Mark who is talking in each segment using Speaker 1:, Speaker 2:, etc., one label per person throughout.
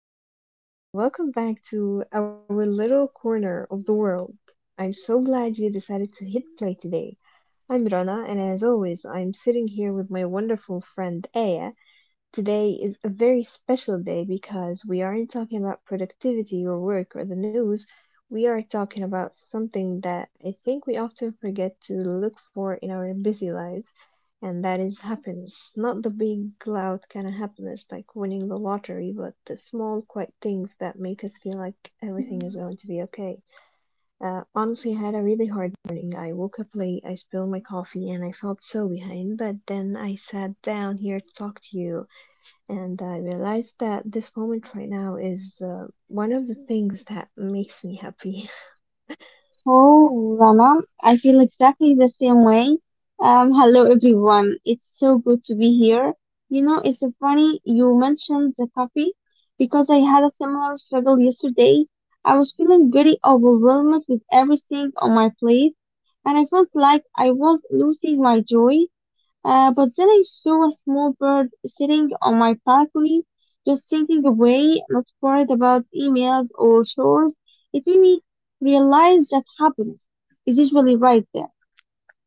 Speaker 1: Everyone, and welcome back to our little corner of the world. I'm so glad you decided to hit play today. I'm Rana, and as always, I'm sitting here with my wonderful friend Aya. Today is a very special day because we aren't talking about productivity or work or the news. We are talking about something that I think we often forget to look for in our busy lives, and that is happiness. Not the big, loud kind of happiness like winning the lottery, but the small, quiet things that make us feel like everything is going to be okay. Honestly, I had a really hard morning. I woke up late, I spilled my coffee, and I felt so behind, but then I sat down here to talk to you and I realized that this moment right now is one of the things that makes me happy.
Speaker 2: Oh, Rana, I feel exactly the same way. Hello everyone. It's so good to be here. You know, it's so funny you mentioned the coffee because I had a similar struggle yesterday. I was feeling very overwhelmed with everything on my plate and I felt like I was losing my joy. But then I saw a small bird sitting on my balcony, just thinking away, not worried about emails or chores. It made me realize that happiness is usually right there,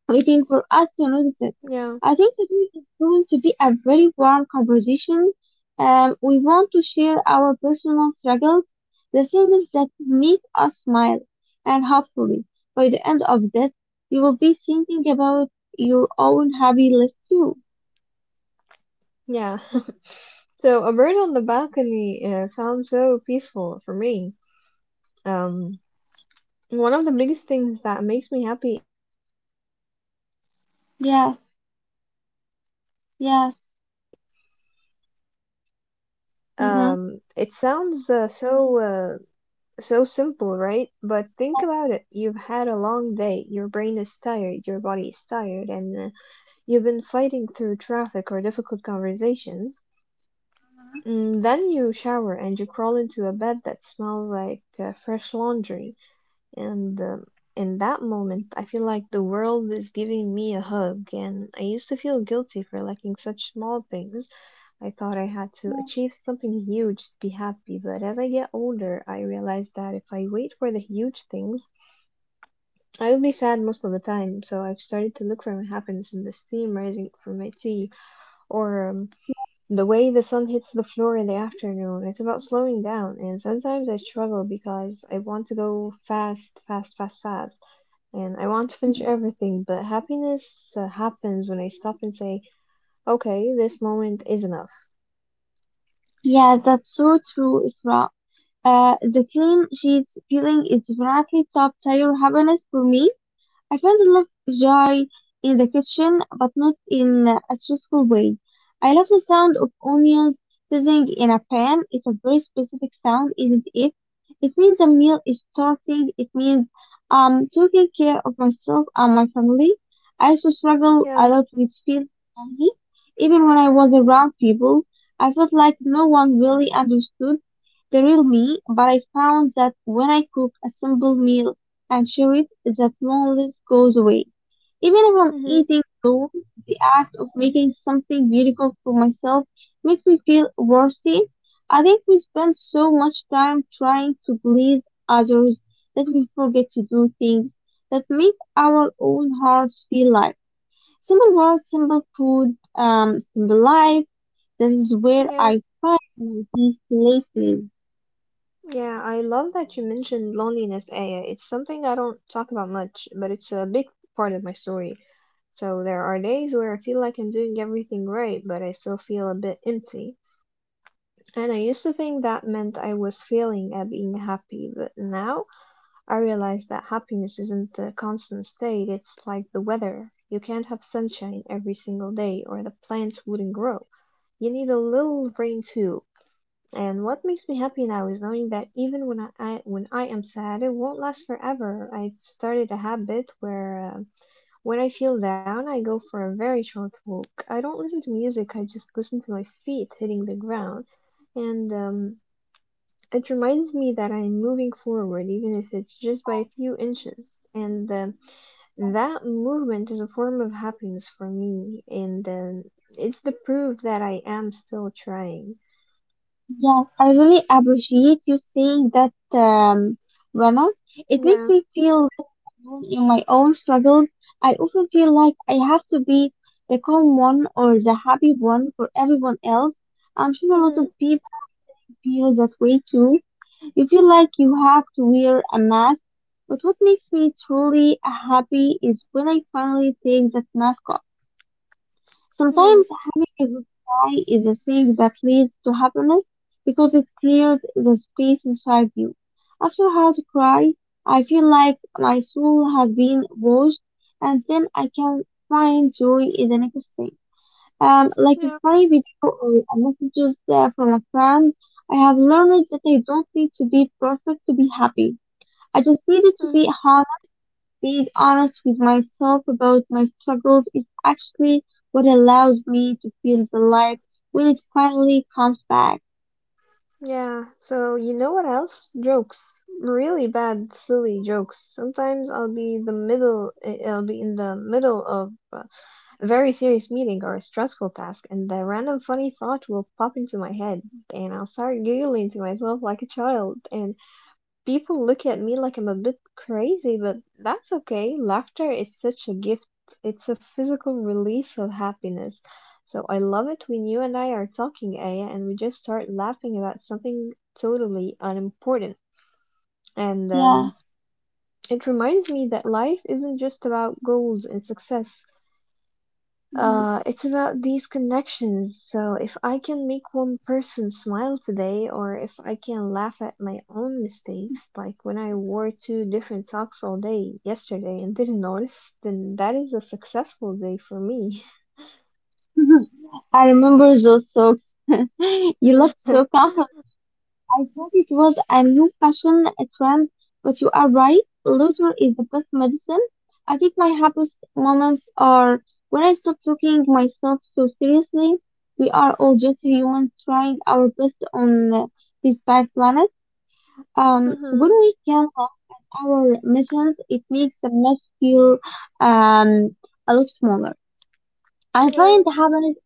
Speaker 2: waiting for us to notice it.
Speaker 1: Yeah,
Speaker 2: I think today is going to be a very warm conversation. We want to share our personal struggles, the things that make us smile, and hopefully, by the end of this, you will be thinking about your own happy list too.
Speaker 1: yeah. So a bird on the balcony sounds so peaceful for me. Um, One of the biggest things that makes me happy
Speaker 2: Yes, yes,
Speaker 1: It
Speaker 2: mm-hmm,
Speaker 1: sounds so simple, right? But think about it.
Speaker 2: yes,
Speaker 1: You've had a long day. Your brain is tired, your body is tired, and you've been fighting through traffic or difficult conversations. Mm, then you shower and you crawl into a bed that smells like fresh laundry. And in that moment, I feel like the world is giving me a hug. And I used to feel guilty for liking such small things. I thought I had to achieve something huge to be happy, but as I get older, I realize that if I wait for the huge things, I will be sad most of the time. So I've started to look for my happiness in the steam rising from my tea or
Speaker 2: yes.
Speaker 1: the way the sun hits the floor in the afternoon. It's about slowing down, and sometimes I struggle because I want to go fast, fast, fast, fast. And I want to finish
Speaker 2: Mhm.
Speaker 1: everything, but happiness happens when I stop and say, okay, this moment is enough.
Speaker 2: Yes, that's so true, Isra. The clean she's feeling is definitely top tier happiness for me. I felt a little shy in the kitchen, but not in a stressful way. I love the sound of onions sizzling in a pan. It's a very specific sound, isn't it? It means the meal is starting. It means taking care of myself and my family. I also struggle a
Speaker 1: Yeah.
Speaker 2: lot with feeling lonely. Even when I was around people, I felt like no one really understood the real me, but I found that when I cook a simple meal and sheriff that loneliness goes away. Even if I'm
Speaker 1: Mm-hmm.
Speaker 2: eating alone, the act of making something beautiful for myself makes me feel worthy. I think we spend so much time trying to please others that we forget to do things that make our own hearts feel light. Simple words, simple food, simple life. That is where
Speaker 1: Yeah.
Speaker 2: I find my peace lately.
Speaker 1: Yeah, I love that you mentioned loneliness, Aya. It's something I don't talk about much, but it's a big part of my story. So there are days where I feel like I'm doing everything right, but I still feel a bit empty. And I used to think that meant I was failing at being happy, but now I realize that happiness isn't a constant state, it's like the weather. You can't have sunshine every single day, or the plants wouldn't grow. You need a little rain too, and what makes me happy now is knowing that even when I when I am sad, it won't last forever. I've started a habit where when I feel down, I go for a very short walk. I don't listen to music, I just listen to my feet hitting the ground. And it reminds me that I'm moving forward, even if it's just by a few inches. And
Speaker 2: Yeah,
Speaker 1: that movement is a form of happiness for me, and
Speaker 2: yeah.
Speaker 1: it's the proof that I am still trying.
Speaker 2: Yes, I really appreciate you saying that, Rana. It makes
Speaker 1: Yeah.
Speaker 2: me feel less alone in my own struggles. I often feel like I have to be the calm one or the happy one for everyone else. I'm sure a lot
Speaker 1: Mm-hmm.
Speaker 2: of people listening feel that way too. You feel like you have to wear a mask. But what makes me truly happy is when I finally take that mask off.
Speaker 1: Mm-hmm.
Speaker 2: Sometimes having a good cry is the thing that leads to happiness because it clears the space inside you. After a hard cry, I feel like my soul has been washed and then I can find joy in the next thing. Like a
Speaker 1: Yeah.
Speaker 2: funny video or a messages from a friend, I have learned that I don't need to be perfect to be happy. I just needed to
Speaker 1: Mhm.
Speaker 2: be honest. Being honest with myself about my struggles is actually what allows me to feel the light when it finally comes back.
Speaker 1: Yeah. So you know what else? Jokes. Really bad, silly jokes. Sometimes I'll be the middle. I'll be in the middle of a very serious meeting or a stressful task, and the random funny thought will pop into my head, and I'll start giggling to myself like a child, and people look at me like I'm a bit crazy, but that's okay. Laughter is such a gift. It's a physical release of happiness. So I love it when you and I are talking, Aya, and we just start laughing about something totally unimportant. And
Speaker 2: Yeah.
Speaker 1: um, it reminds me that life isn't just about goals and success.
Speaker 2: Mhm.
Speaker 1: It's about these connections. So if I can make one person smile today, or if I can laugh at my own mistakes, like when I wore two different socks all day yesterday and didn't notice, then that is a successful day for me.
Speaker 2: I remember those talks. You
Speaker 1: Yeah.
Speaker 2: looked so confident. I thought it was a new fashion trend, but you are right. Laughter is the best medicine. I think my happiest moments are when I stop taking myself so seriously. We are all just humans trying our best on this bad planet. When
Speaker 1: Mhm.
Speaker 2: we can have our missions, it makes the mess feel um, a lot smaller. I find
Speaker 1: Yeah.
Speaker 2: happiness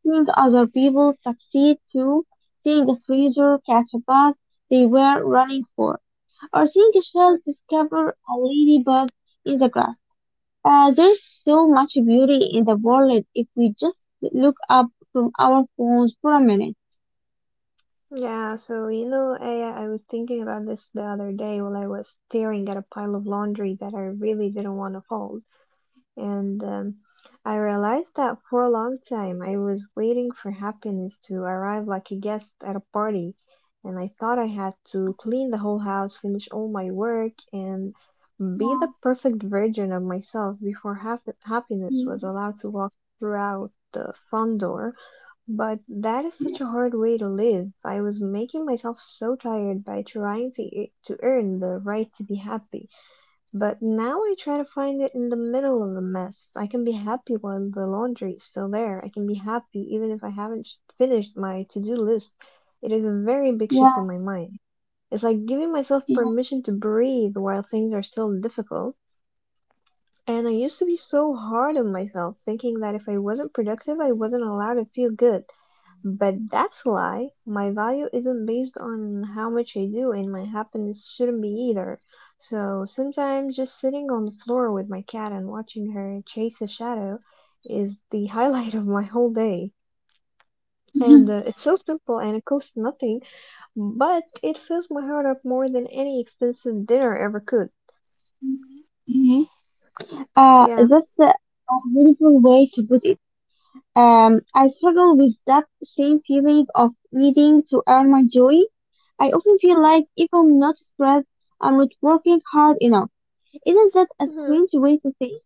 Speaker 2: seeing other people succeed too, seeing a stranger catch a bus they were running for, or seeing a child
Speaker 1: Mm.
Speaker 2: discover a ladybug in the grass. There's so much beauty in the world if we just look up from our phones for a minute.
Speaker 1: Yeah, so you know, I was thinking about this the other day while I was staring at a pile of laundry that I really didn't want to fold. And I realized that for a long time I was waiting for happiness to arrive like a guest at a party. And I thought I had to clean the whole house, finish all my work, and be
Speaker 2: Yeah,
Speaker 1: the perfect version of myself before happiness was allowed to walk throughout the front door. But that is such a hard way to live. I was making myself so tired by trying to, to earn the right to be happy. But now I try to find it in the middle of the mess. I can be happy when the laundry is still there. I can be happy even if I haven't finished my to do list. It is a very big shift in
Speaker 2: yeah,
Speaker 1: my mind. It's like giving myself permission to breathe while things are still difficult. And I used to be so hard on myself, thinking that if I wasn't productive, I wasn't allowed to feel good. But that's a lie. My value isn't based on how much I do, and my happiness shouldn't be either. So sometimes just sitting on the floor with my cat and watching her chase a shadow is the highlight of my whole day.
Speaker 2: yeah.
Speaker 1: And it's so simple and it costs nothing, but it fills my heart up more than any expensive dinner ever could.
Speaker 2: Yeah.
Speaker 1: Yeah.
Speaker 2: That's a beautiful way to put it. I struggle with that same feeling of needing to earn my joy. I often feel like if I'm not stressed, I'm not working hard enough. Isn't that a
Speaker 1: Hmm.
Speaker 2: strange way to think?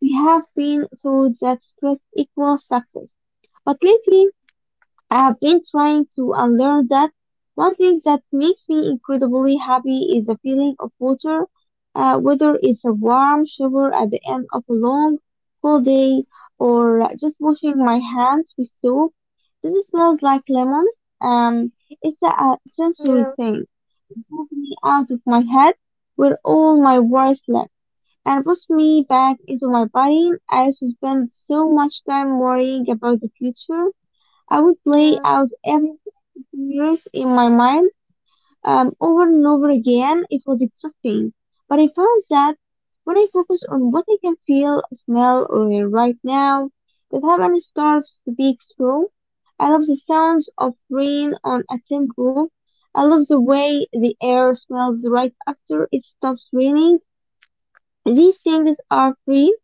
Speaker 2: We have been told that stress equals success, but lately I have been trying to unlearn that. One thing that makes me incredibly happy is the feeling of water, whether it's a warm shower at the end of a long, cold day or just washing my hands with soap. This smells like lemons. Um, it's a
Speaker 1: Yeah.
Speaker 2: sensory thing. It moves me out of my head where all my worries live and puts me back into my body. I used to spend so much time worrying about the future. I would play
Speaker 1: Yeah.
Speaker 2: out every Yes, in my mind, over and over again, it was exhausting. But I found that when I focus on what I can feel, smell, or right now, the heaven starts to be true. I love the sounds of rain on a temple. I love the way the air smells right after it stops raining. These things are free,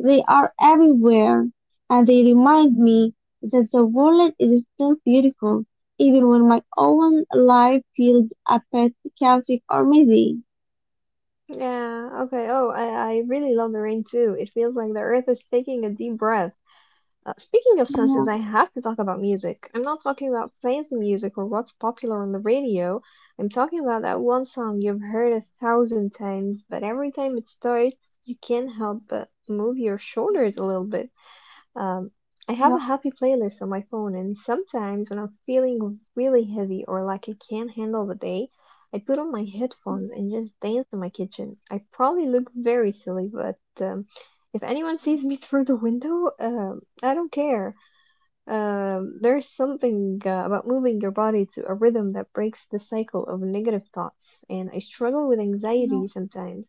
Speaker 2: they are everywhere, and they remind me that the world is still beautiful, even when my own life feels a bit chaotic or messy.
Speaker 1: Yeah. Okay. Oh, I really love the rain too. It feels like the earth is taking a deep breath. Speaking of
Speaker 2: Yeah,
Speaker 1: senses, I have to talk about music. I'm not talking about fancy music or what's popular on the radio. I'm talking about that one song you've heard a thousand times, but every time it starts, you can't help but move your shoulders a little bit. Um, I have
Speaker 2: yeah,
Speaker 1: a happy playlist on my phone, and sometimes when I'm feeling really heavy or like I can't handle the day, I put on my headphones and just dance in my kitchen. I probably look very silly, but if anyone sees me through the window, I don't care. There's something about moving your body to a rhythm that breaks the cycle of negative thoughts, and I struggle with anxiety sometimes.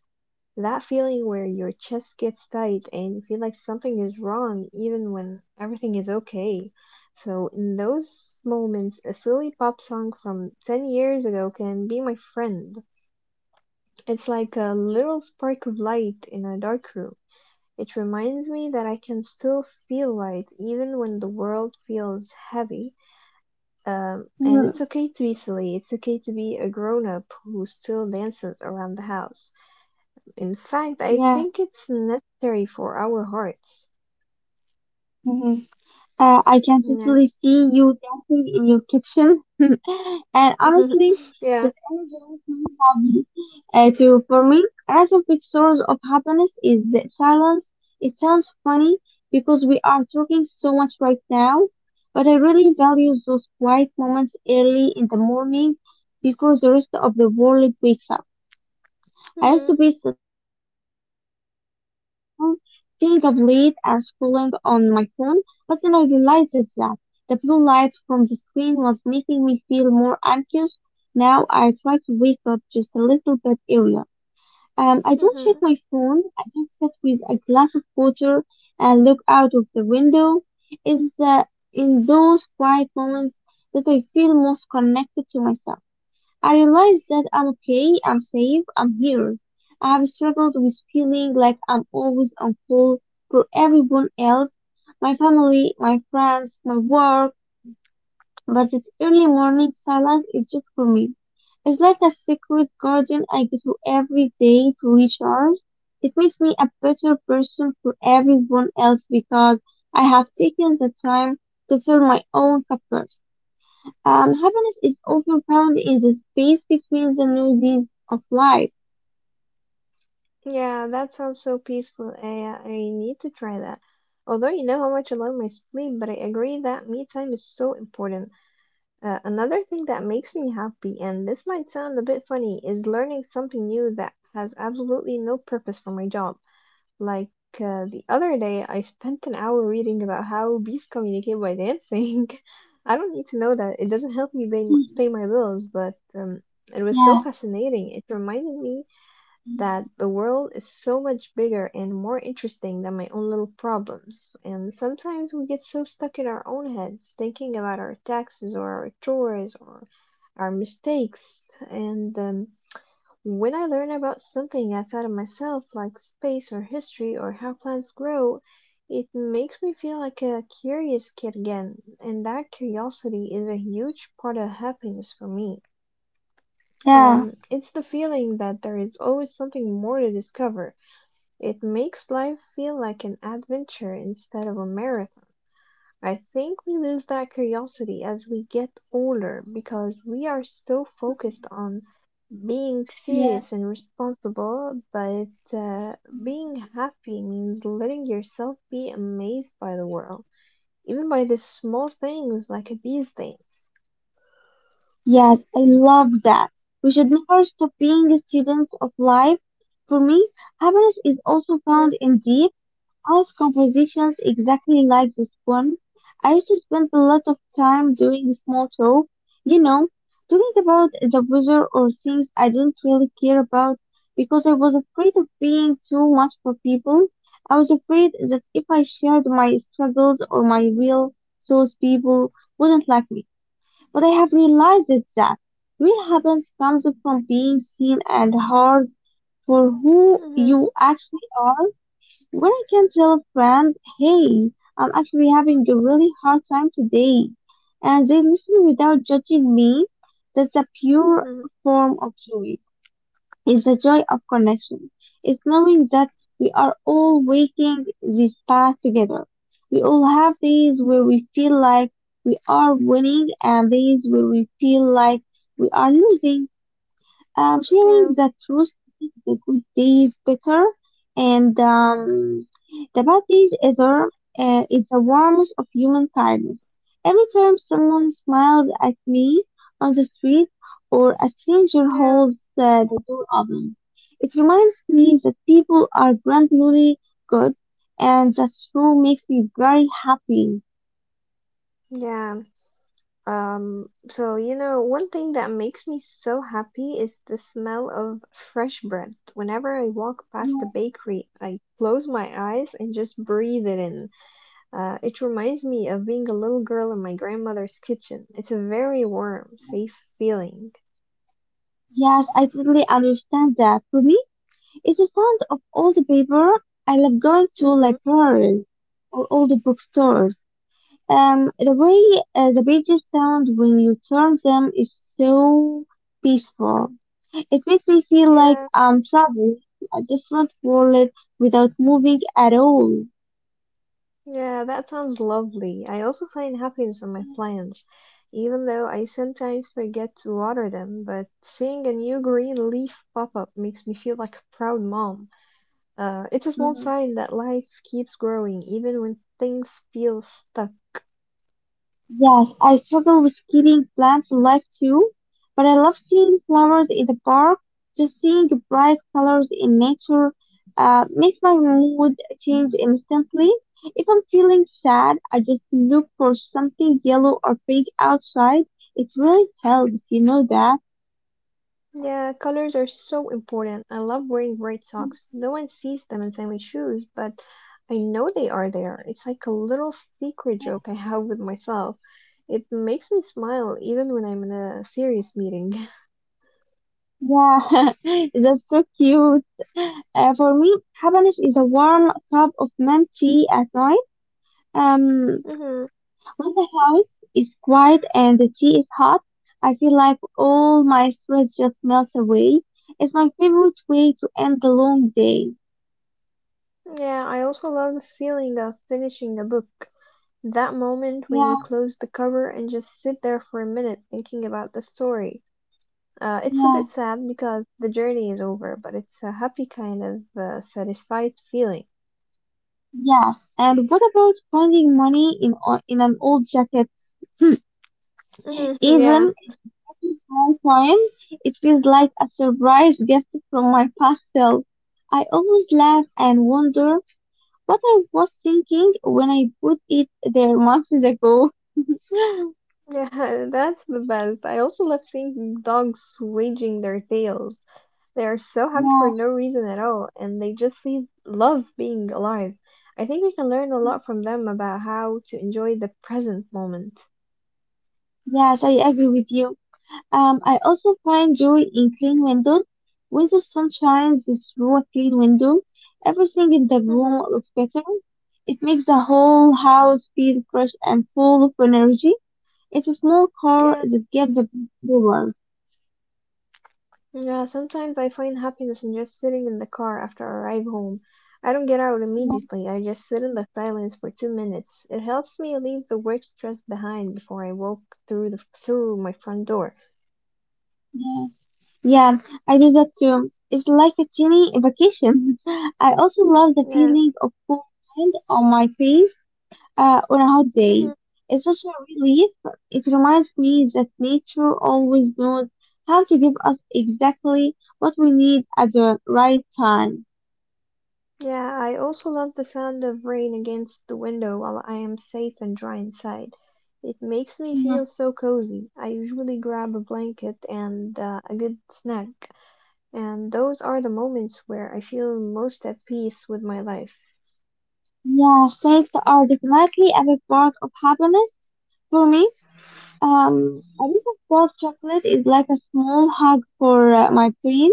Speaker 1: That feeling where your chest gets tight and you feel like something is wrong even when everything is okay. So, in those moments, a silly pop song from 10 years ago can be my friend. It's like a little spark of light in a dark room. It reminds me that I can still feel light even when the world feels heavy. And
Speaker 2: yeah,
Speaker 1: it's okay to be silly, it's okay to be a grown up who still dances around the house. In fact, I
Speaker 2: yeah,
Speaker 1: think it's necessary for our hearts.
Speaker 2: yeah. I can
Speaker 1: Yeah.
Speaker 2: totally see you dancing in your kitchen. And honestly,
Speaker 1: Yeah.
Speaker 2: the energy is hobby. For me, another big source of happiness is the silence. It sounds funny because we are talking so much right now, but I really value those quiet moments early in the morning before the rest of the world wakes up. I used to
Speaker 1: Hmm.
Speaker 2: be such a fool, staying up late and scrolling on my phone, but then I realized that the blue light from the screen was making me feel more anxious. Now I try to wake up just a little bit earlier. I don't check
Speaker 1: Hmm.
Speaker 2: my phone. I just sit with a glass of water and look out of the window. It's in those quiet moments that I feel most connected to myself. I realize that I'm okay, I'm safe, I'm here. I have struggled with feeling like I'm always on call for everyone else, my family, my friends, my work, but that early morning silence is just for me. It's like a secret garden I go to every day to recharge. It makes me a better person for everyone else because I have taken the time to fill my own cup first. Happiness is often found in the space between the noises of life.
Speaker 1: Yeah, that sounds so peaceful. I need to try that. Although you know how much I love my sleep, but I agree that me time is so important. Another thing that makes me happy, and this might sound a bit funny, is learning something new that has absolutely no purpose for my job. Like the other day, I spent an hour reading about how bees communicate by dancing. I don't need to know that. It doesn't help me pay,
Speaker 2: Mm,
Speaker 1: pay my bills, but it was so
Speaker 2: yeah,
Speaker 1: fascinating. It reminded me that the world is so much bigger and more interesting than my own little problems. And sometimes we get so stuck in our own heads, thinking about our taxes or our chores or our mistakes. And when I learn about something outside of myself, like space or history or how plants grow, it makes me feel like a curious kid again, and that curiosity is a huge part of happiness for me.
Speaker 2: yeah,
Speaker 1: It's the feeling that there is always something more to discover. It makes life feel like an adventure instead of a marathon. I think we lose that curiosity as we get older because we are so focused on being
Speaker 2: yeah.
Speaker 1: serious and responsible, but uh, being happy means letting yourself be amazed by the world, even by the small things like these things.
Speaker 2: Yes, I love that. We should never stop being the students of life. For me, happiness is also
Speaker 1: Yeah.
Speaker 2: found in deep art compositions exactly like this one. I used to spend a lot of time doing small talk, you know, talking about the weather or things I didn't really care about because I was afraid of being too much for people. I was afraid that if I shared my struggles or my real thoughts, people wouldn't like me. But I have realized that real happiness comes from being seen and heard for who
Speaker 1: Mm-hmm.
Speaker 2: you actually are. When I can tell a friend, hey, I'm actually having a really hard time today, and they listen without judging me, that's a pure
Speaker 1: Mm-hmm.
Speaker 2: form of joy. It's the joy of connection. It's knowing that we are all walking this path together. We all have days where we feel like we are winning and days where we feel like we are losing. Sharing
Speaker 1: Yeah.
Speaker 2: the truth makes the good days better, and the bad days either. It's the warmth of human kindness. Every time
Speaker 1: Mm.
Speaker 2: someone smiles at me on the street or a stranger
Speaker 1: Yeah.
Speaker 2: holds the door open, it reminds me that people are gradually good, and that truth makes me very happy.
Speaker 1: Yeah. Um, so you know, one thing that makes me so happy is the smell of fresh bread. Whenever I walk past a bakery, I close my eyes and just breathe it in. It reminds me of being a little girl in my grandmother's kitchen. It's a very warm, safe feeling.
Speaker 2: Yes, I totally understand that. For me, it's the sound of all the paper. I love going to
Speaker 1: Mm-hmm.
Speaker 2: libraries or all the bookstores. The way the pages sound when you turn them is so peaceful. It makes me feel like
Speaker 1: Yeah,
Speaker 2: I'm traveling to a different world without moving at all.
Speaker 1: yeah, that sounds lovely. I also find happiness in my plants, even though I sometimes forget to water them, but seeing a new green leaf pop up makes me feel like a proud mom. It's a small
Speaker 2: Mm-hmm.
Speaker 1: sign that life keeps growing even when things feel stuck.
Speaker 2: Yes, I struggle with keeping plants alive too, but I love seeing flowers in the park. Just seeing the bright colors in nature makes my mood change instantly. If I'm feeling sad, I just look for something yellow or pink outside. It really helps, you know that?
Speaker 1: Yeah, colors are so important. I love wearing bright socks. No one sees them inside my shoes, but I know they are there. It's like a little secret joke I have with myself. It makes me smile even when I'm in a serious meeting.
Speaker 2: Yeah, that's so cute. For me, happiness is a warm cup of mint tea at night. Um,
Speaker 1: Hmm.
Speaker 2: When the house is quiet and the tea is hot, I feel like all my stress just melts away. It's my favorite way to end the long day.
Speaker 1: Yeah, I also love the feeling of finishing a book. That moment when
Speaker 2: Yeah,
Speaker 1: you close the cover and just sit there for a minute thinking about the story. It's a
Speaker 2: yeah,
Speaker 1: bit sad because the journey is over, but it's a happy kind of satisfied feeling.
Speaker 2: yeah. And what about finding money in in an old jacket? Hmm.
Speaker 1: Mhm, yeah,
Speaker 2: Even if it's my time, it feels like a surprise gift from my past self. I always laugh and wonder what I was thinking when I put it there months ago.
Speaker 1: yeah, that's the best. I also love seeing dogs waging their tails. They are so happy for
Speaker 2: Yeah.
Speaker 1: no reason at all, and they just leave, love being alive. I think we can learn a lot from them about how to enjoy the present moment.
Speaker 2: Yes, I agree with you. I also find joy in clean windows. When the sun shines through a clean window, everything in the
Speaker 1: Hmm.
Speaker 2: room looks better. It makes the whole house feel fresh and full of energy. It's a small car
Speaker 1: Yeah.
Speaker 2: that gives a power.
Speaker 1: Yeah, sometimes I find happiness in just sitting in the car after I arrive home. I don't get out
Speaker 2: Yeah,
Speaker 1: immediately, I just sit in the silence for 2 minutes. It helps me leave the work stress behind before I walk through my front door.
Speaker 2: yeah, yeah, I do that too. It's like a teeny vacation. I also love the
Speaker 1: Yeah.
Speaker 2: feeling of cool wind on my face on a hot
Speaker 1: Hmm.
Speaker 2: day. It's such a relief. It reminds me that nature always knows how to give us exactly what we need at the right time.
Speaker 1: Yeah, I also love the sound of rain against the window while I am safe and dry inside. It makes me feel
Speaker 2: Mhm.
Speaker 1: so cozy. I usually grab a blanket and a good snack, and those are the moments where I feel most at peace with my life.
Speaker 2: Yeah, thanks are definitely a big part of happiness for me. A bit of dark chocolate is like a small hug for my brain.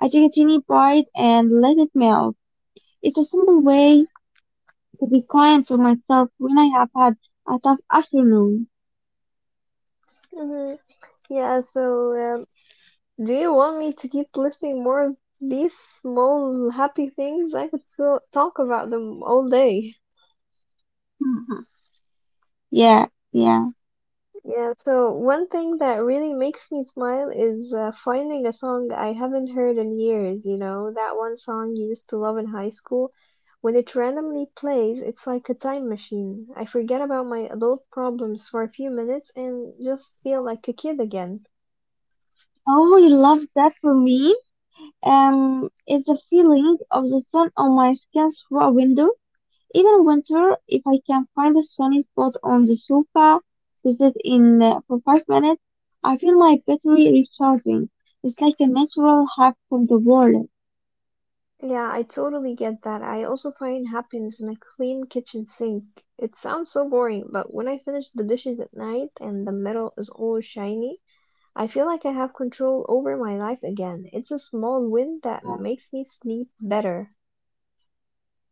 Speaker 2: I take a teeny bite and let it melt. It's a simple way to be kind to myself when I have had a tough afternoon.
Speaker 1: Hmm. Yeah, so um, do you want me to keep listing more of these small happy things? I could still talk about them all day.
Speaker 2: Yeah, yeah.
Speaker 1: Yeah, so one thing that really makes me smile is finding a song I haven't heard in years, you know, that one song you used to love in high school. When it randomly plays, it's like a time machine. I forget about my adult problems for a few minutes and just feel like a kid again.
Speaker 2: Oh, I love that for me. It's the feeling of the sun on my skin through a window. Even winter, if I can find a sunny spot on the sofa to sit in for 5 minutes, I feel my battery recharging. It's like a natural hack from the world.
Speaker 1: Yeah, I totally get that. I also find happiness in a clean kitchen sink. It sounds so boring, but when I finish the dishes at night and the metal is all shiny, I feel like I have control over my life again. It's a small win that makes me sleep better.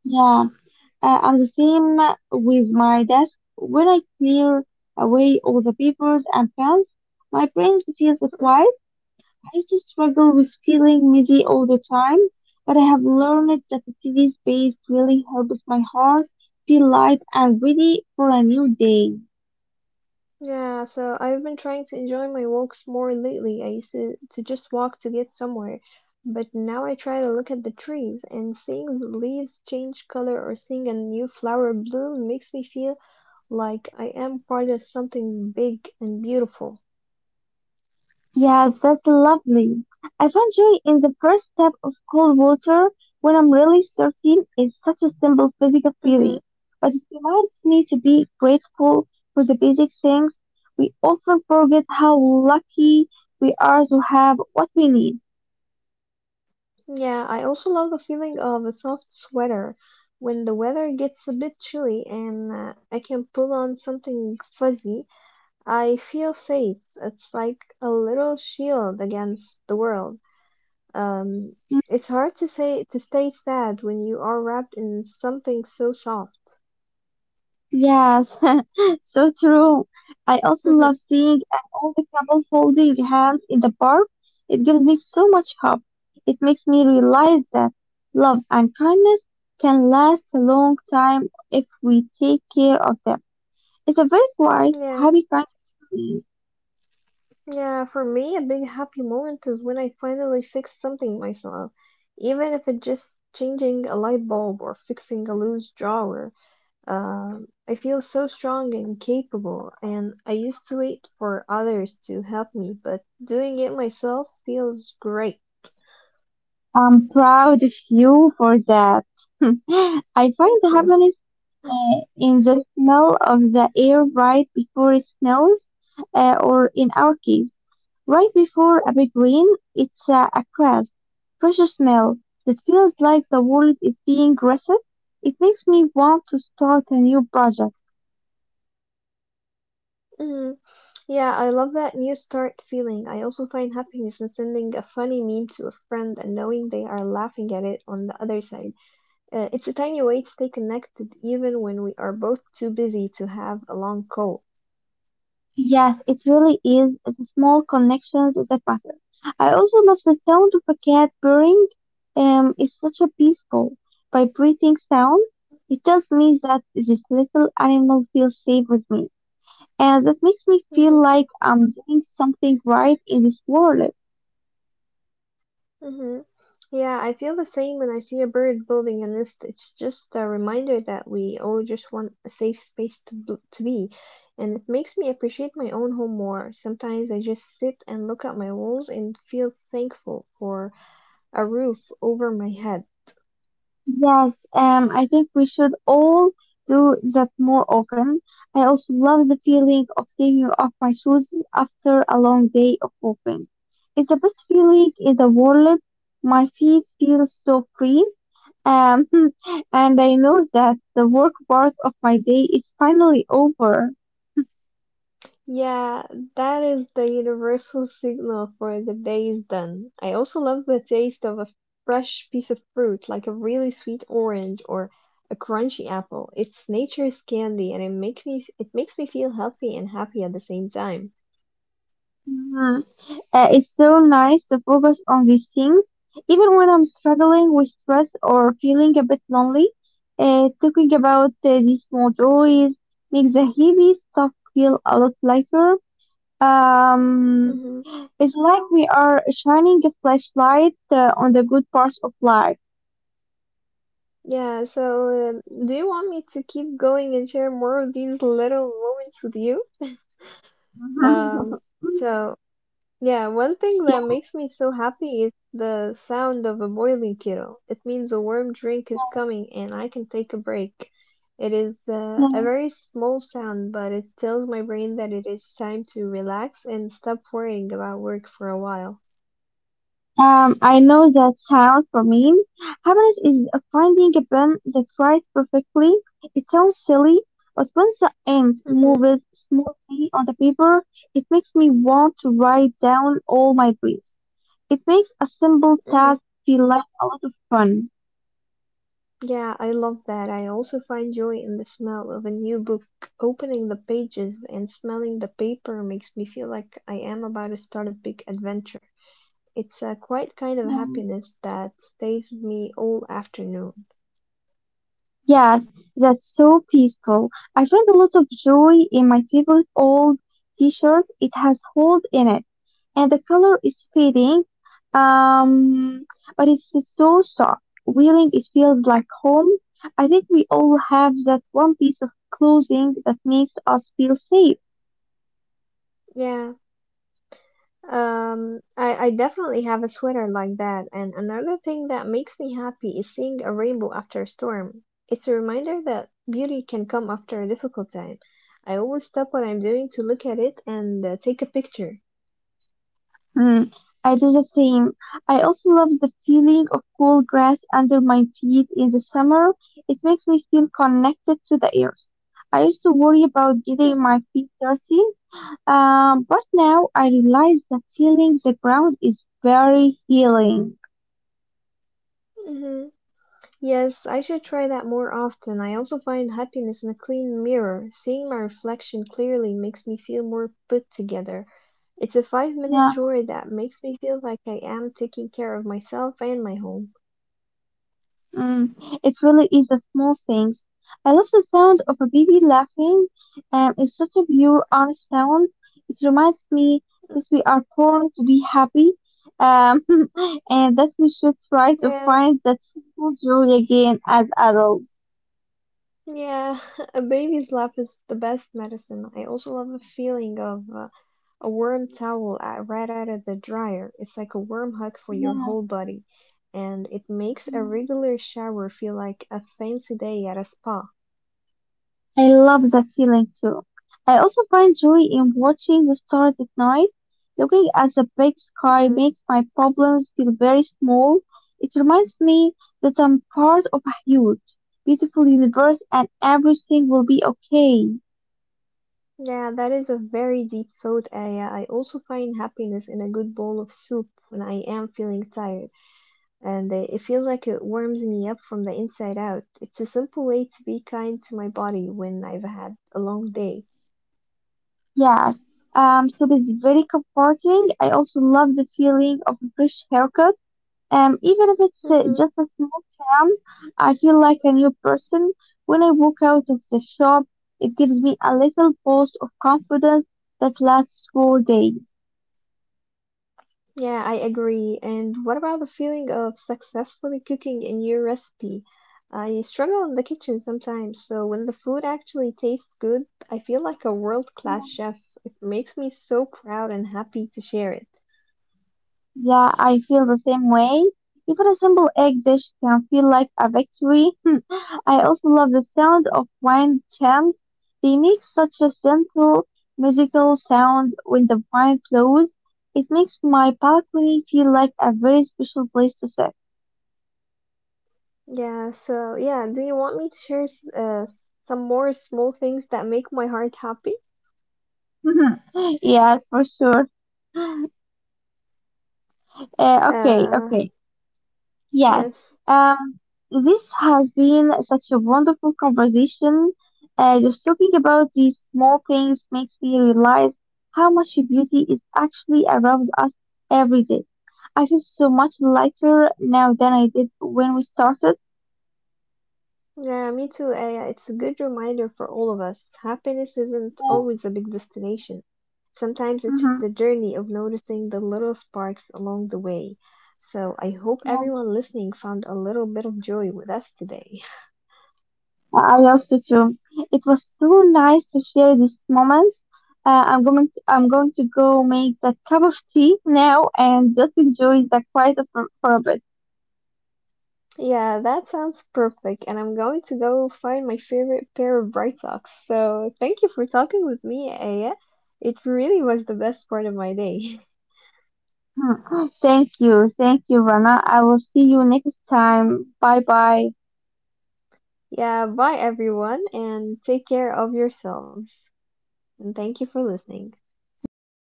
Speaker 2: Yeah, I'm the same with my desk. When I clear away all the papers and pens, my brain feels
Speaker 1: Hmm.
Speaker 2: quiet. I used to struggle with feeling messy all the time, but I have learned that a steady space really helps my heart feel light and ready for a new day.
Speaker 1: Yeah, so I've been trying to enjoy my walks more lately. I used to just walk to get somewhere, but now I try to look at the trees and seeing the leaves change color or seeing a new flower bloom makes me feel like I am part of something big and beautiful.
Speaker 2: Yes, that's lovely. I found joy in the first step of cold water when I'm really thirsty. It's such a simple physical
Speaker 1: Hmm.
Speaker 2: feeling, but it reminds me to be grateful for the basic things. We often forget how lucky we are to have what we need.
Speaker 1: Yeah, I also love the feeling of a soft sweater when the weather gets a bit chilly and I can pull on something fuzzy I feel safe. It's like a little shield against the world. Um,
Speaker 2: Mm-hmm.
Speaker 1: it's hard to say to stay sad when you are wrapped in something so soft.
Speaker 2: Yes, so true. I also love seeing an older couple holding hands in the park. It gives me so much hope. It makes me realize that love and kindness can last a long time if we take care of them. It's a very quiet,
Speaker 1: Yeah,
Speaker 2: happy kind of feeling.
Speaker 1: yeah. For me, a big happy moment is when I finally fix something myself, even if it's just changing a light bulb or fixing a loose drawer. I feel so strong and capable, and I used to wait for others to help me, but doing it myself feels great.
Speaker 2: I'm proud of you for that. I
Speaker 1: Thank
Speaker 2: find
Speaker 1: you.
Speaker 2: happiness in the smell of the air right before it snows, or in our case, right before a big rain, it's a crisp, fresh smell that feels like the world is being reset. It makes me want to start a new project.
Speaker 1: Mm, yeah, I love that new start feeling. I also find happiness in sending a funny meme to a friend and knowing they are laughing at it on the other side. It's a tiny way to stay connected even when we are both too busy to have a long call.
Speaker 2: Yes, it really is the small connections that matter. I also love the sound of a cat purring. It's such a peaceful, vibrating sound. It tells me that this little animal feels safe with me, and that makes me
Speaker 1: Hmm.
Speaker 2: feel like I'm doing something right in this world.
Speaker 1: Hmm. Yeah, I feel the same when I see a bird building a nest. It's just a reminder that we all just want a safe space to be. And it makes me appreciate my own home more. Sometimes I just sit and look at my walls and feel thankful for a roof over my head.
Speaker 2: Yes, I think we should all do that more often. I also love the feeling of taking off my shoes after a long day of walking. It's the best feeling in the world. My feet feel so free. Um, and I know that the work part of my day is finally over.
Speaker 1: Yeah, that is the universal signal for the day is done. I also love the taste of a fresh piece of fruit, like a really sweet orange or a crunchy apple. It's nature's candy, and it makes me feel healthy and happy at the same time.
Speaker 2: Mm-hmm. It's so nice to focus on these things. Even when I'm struggling with stress or feeling a bit lonely, talking about these small joys makes the heavy stuff feel a lot lighter. Um,
Speaker 1: Hmm.
Speaker 2: it's like we are shining a flashlight on the good parts of life.
Speaker 1: Yeah. So, do you want me to keep going and share more of these little moments with you? Um. So Yeah, one thing that makes me so happy is the sound of a boiling kettle. It means a warm drink is coming and I can take a break. It is a
Speaker 2: Yeah.
Speaker 1: very small sound, but it tells my brain that it is time to relax and stop worrying about work for a while.
Speaker 2: I know that sounds for me. Happiness is finding a plan that fits perfectly. It sounds silly, but once the end
Speaker 1: Mhm.
Speaker 2: moves smoothly on the paper, it makes me want to write down all my dreams. It makes a simple
Speaker 1: Mhm.
Speaker 2: task feel like a lot of fun.
Speaker 1: Yeah, I love that. I also find joy in the smell of a new book. Opening the pages and smelling the paper makes me feel like I am about to start a big adventure. It's a quiet kind of
Speaker 2: Mm.
Speaker 1: happiness that stays with me all afternoon.
Speaker 2: Yes, that's so peaceful. I find a lot of joy in my favorite old t-shirt. It has holes in it and the color is fading, um, but it's so soft. Wearing it feels like home. I think we all have that one piece of clothing that makes us feel safe.
Speaker 1: Yeah. I definitely have a sweater like that. And another thing that makes me happy is seeing a rainbow after a storm. It's a reminder that beauty can come after a difficult time. I always stop what I'm doing to look at it and take a picture.
Speaker 2: Mm, I do the same. I also love the feeling of cool grass under my feet in the summer. It makes me feel connected to the earth. I used to worry about
Speaker 1: Mhm.
Speaker 2: getting my feet dirty, but now I realize that feeling the ground is very healing.
Speaker 1: Mhm. Yes, I should try that more often. I also find happiness in a clean mirror. Seeing my reflection clearly makes me feel more put together. It's a 5 minute
Speaker 2: Yeah.
Speaker 1: chore that makes me feel like I am taking care of myself and my home.
Speaker 2: Mm, it really is the small things. I love the sound of a baby laughing. It's such a pure, honest sound. It reminds me
Speaker 1: Mm,
Speaker 2: that we are born to be happy, um, and that we should try to
Speaker 1: yeah,
Speaker 2: find that simple joy again as adults.
Speaker 1: yeah. A baby's laugh is the best medicine. I also love the feeling of a warm towel right out of the dryer. It's like a warm hug for your
Speaker 2: Yeah.
Speaker 1: whole body, and it makes a
Speaker 2: Yeah.
Speaker 1: regular shower feel like a fancy day at a spa.
Speaker 2: I love that feeling too. I also find joy in watching the stars at night. Looking at the big
Speaker 1: Mm-hmm.
Speaker 2: sky makes my problems feel very small. It reminds me that I'm part of a huge, beautiful universe and everything will be okay.
Speaker 1: Yeah, that is a very deep thought, Aya. I also find happiness in a good bowl of soup when I am feeling tired, and it feels like it warms me up from the inside out. It's a simple way to be kind to my body when I've had a long day.
Speaker 2: Yes. So it's very comforting. I also love the feeling of a fresh haircut. Even if it's
Speaker 1: Mhm.
Speaker 2: just a small town, I feel like a new person. When I walk out of the shop, it gives me a little boost of confidence that lasts for days.
Speaker 1: Yeah, I agree. And what about the feeling of successfully cooking a new recipe? I struggle in the kitchen sometimes, so when the food actually tastes good, I feel like a
Speaker 2: Yeah.
Speaker 1: world-class chef. It makes me so proud and happy to share it.
Speaker 2: Yeah, I feel the same way. Even a simple egg dish can feel like a victory. Hmm. I also love the sound of wine chimes. They make such a gentle musical sound when the wine flows. It makes my balcony feel like a very special place to sit.
Speaker 1: Yeah, so yeah, do you want me to share some more small things that make my heart happy?
Speaker 2: Mhm. Yes, for sure. Okay,
Speaker 1: Uh,
Speaker 2: okay. Yes.
Speaker 1: yes.
Speaker 2: Um, this has been such a wonderful conversation. Just talking about these small things makes me realize how much beauty is actually around us every day. I feel so much lighter now than I did when we started.
Speaker 1: Yeah, me too, Aya. It's a good reminder for all of us. Happiness isn't always a big destination. Sometimes it's
Speaker 2: Mhm.
Speaker 1: the journey of noticing the little sparks along the way. So I hope everyone listening found a little bit of joy with us today.
Speaker 2: I also you too. It was so nice to share these moments. I'm going to go make that cup of tea now and just enjoy the quiet for a bit.
Speaker 1: Yeah, that sounds perfect, and I'm going to go find my favorite pair of bright socks. So, thank you for talking with me, Aya. It really was the best part of my day.
Speaker 2: Hmm. Thank you. Thank you, Rana. I will see you next time. Bye bye.
Speaker 1: Yeah, bye everyone, and take care of yourselves. And thank you for listening.
Speaker 2: Thank you.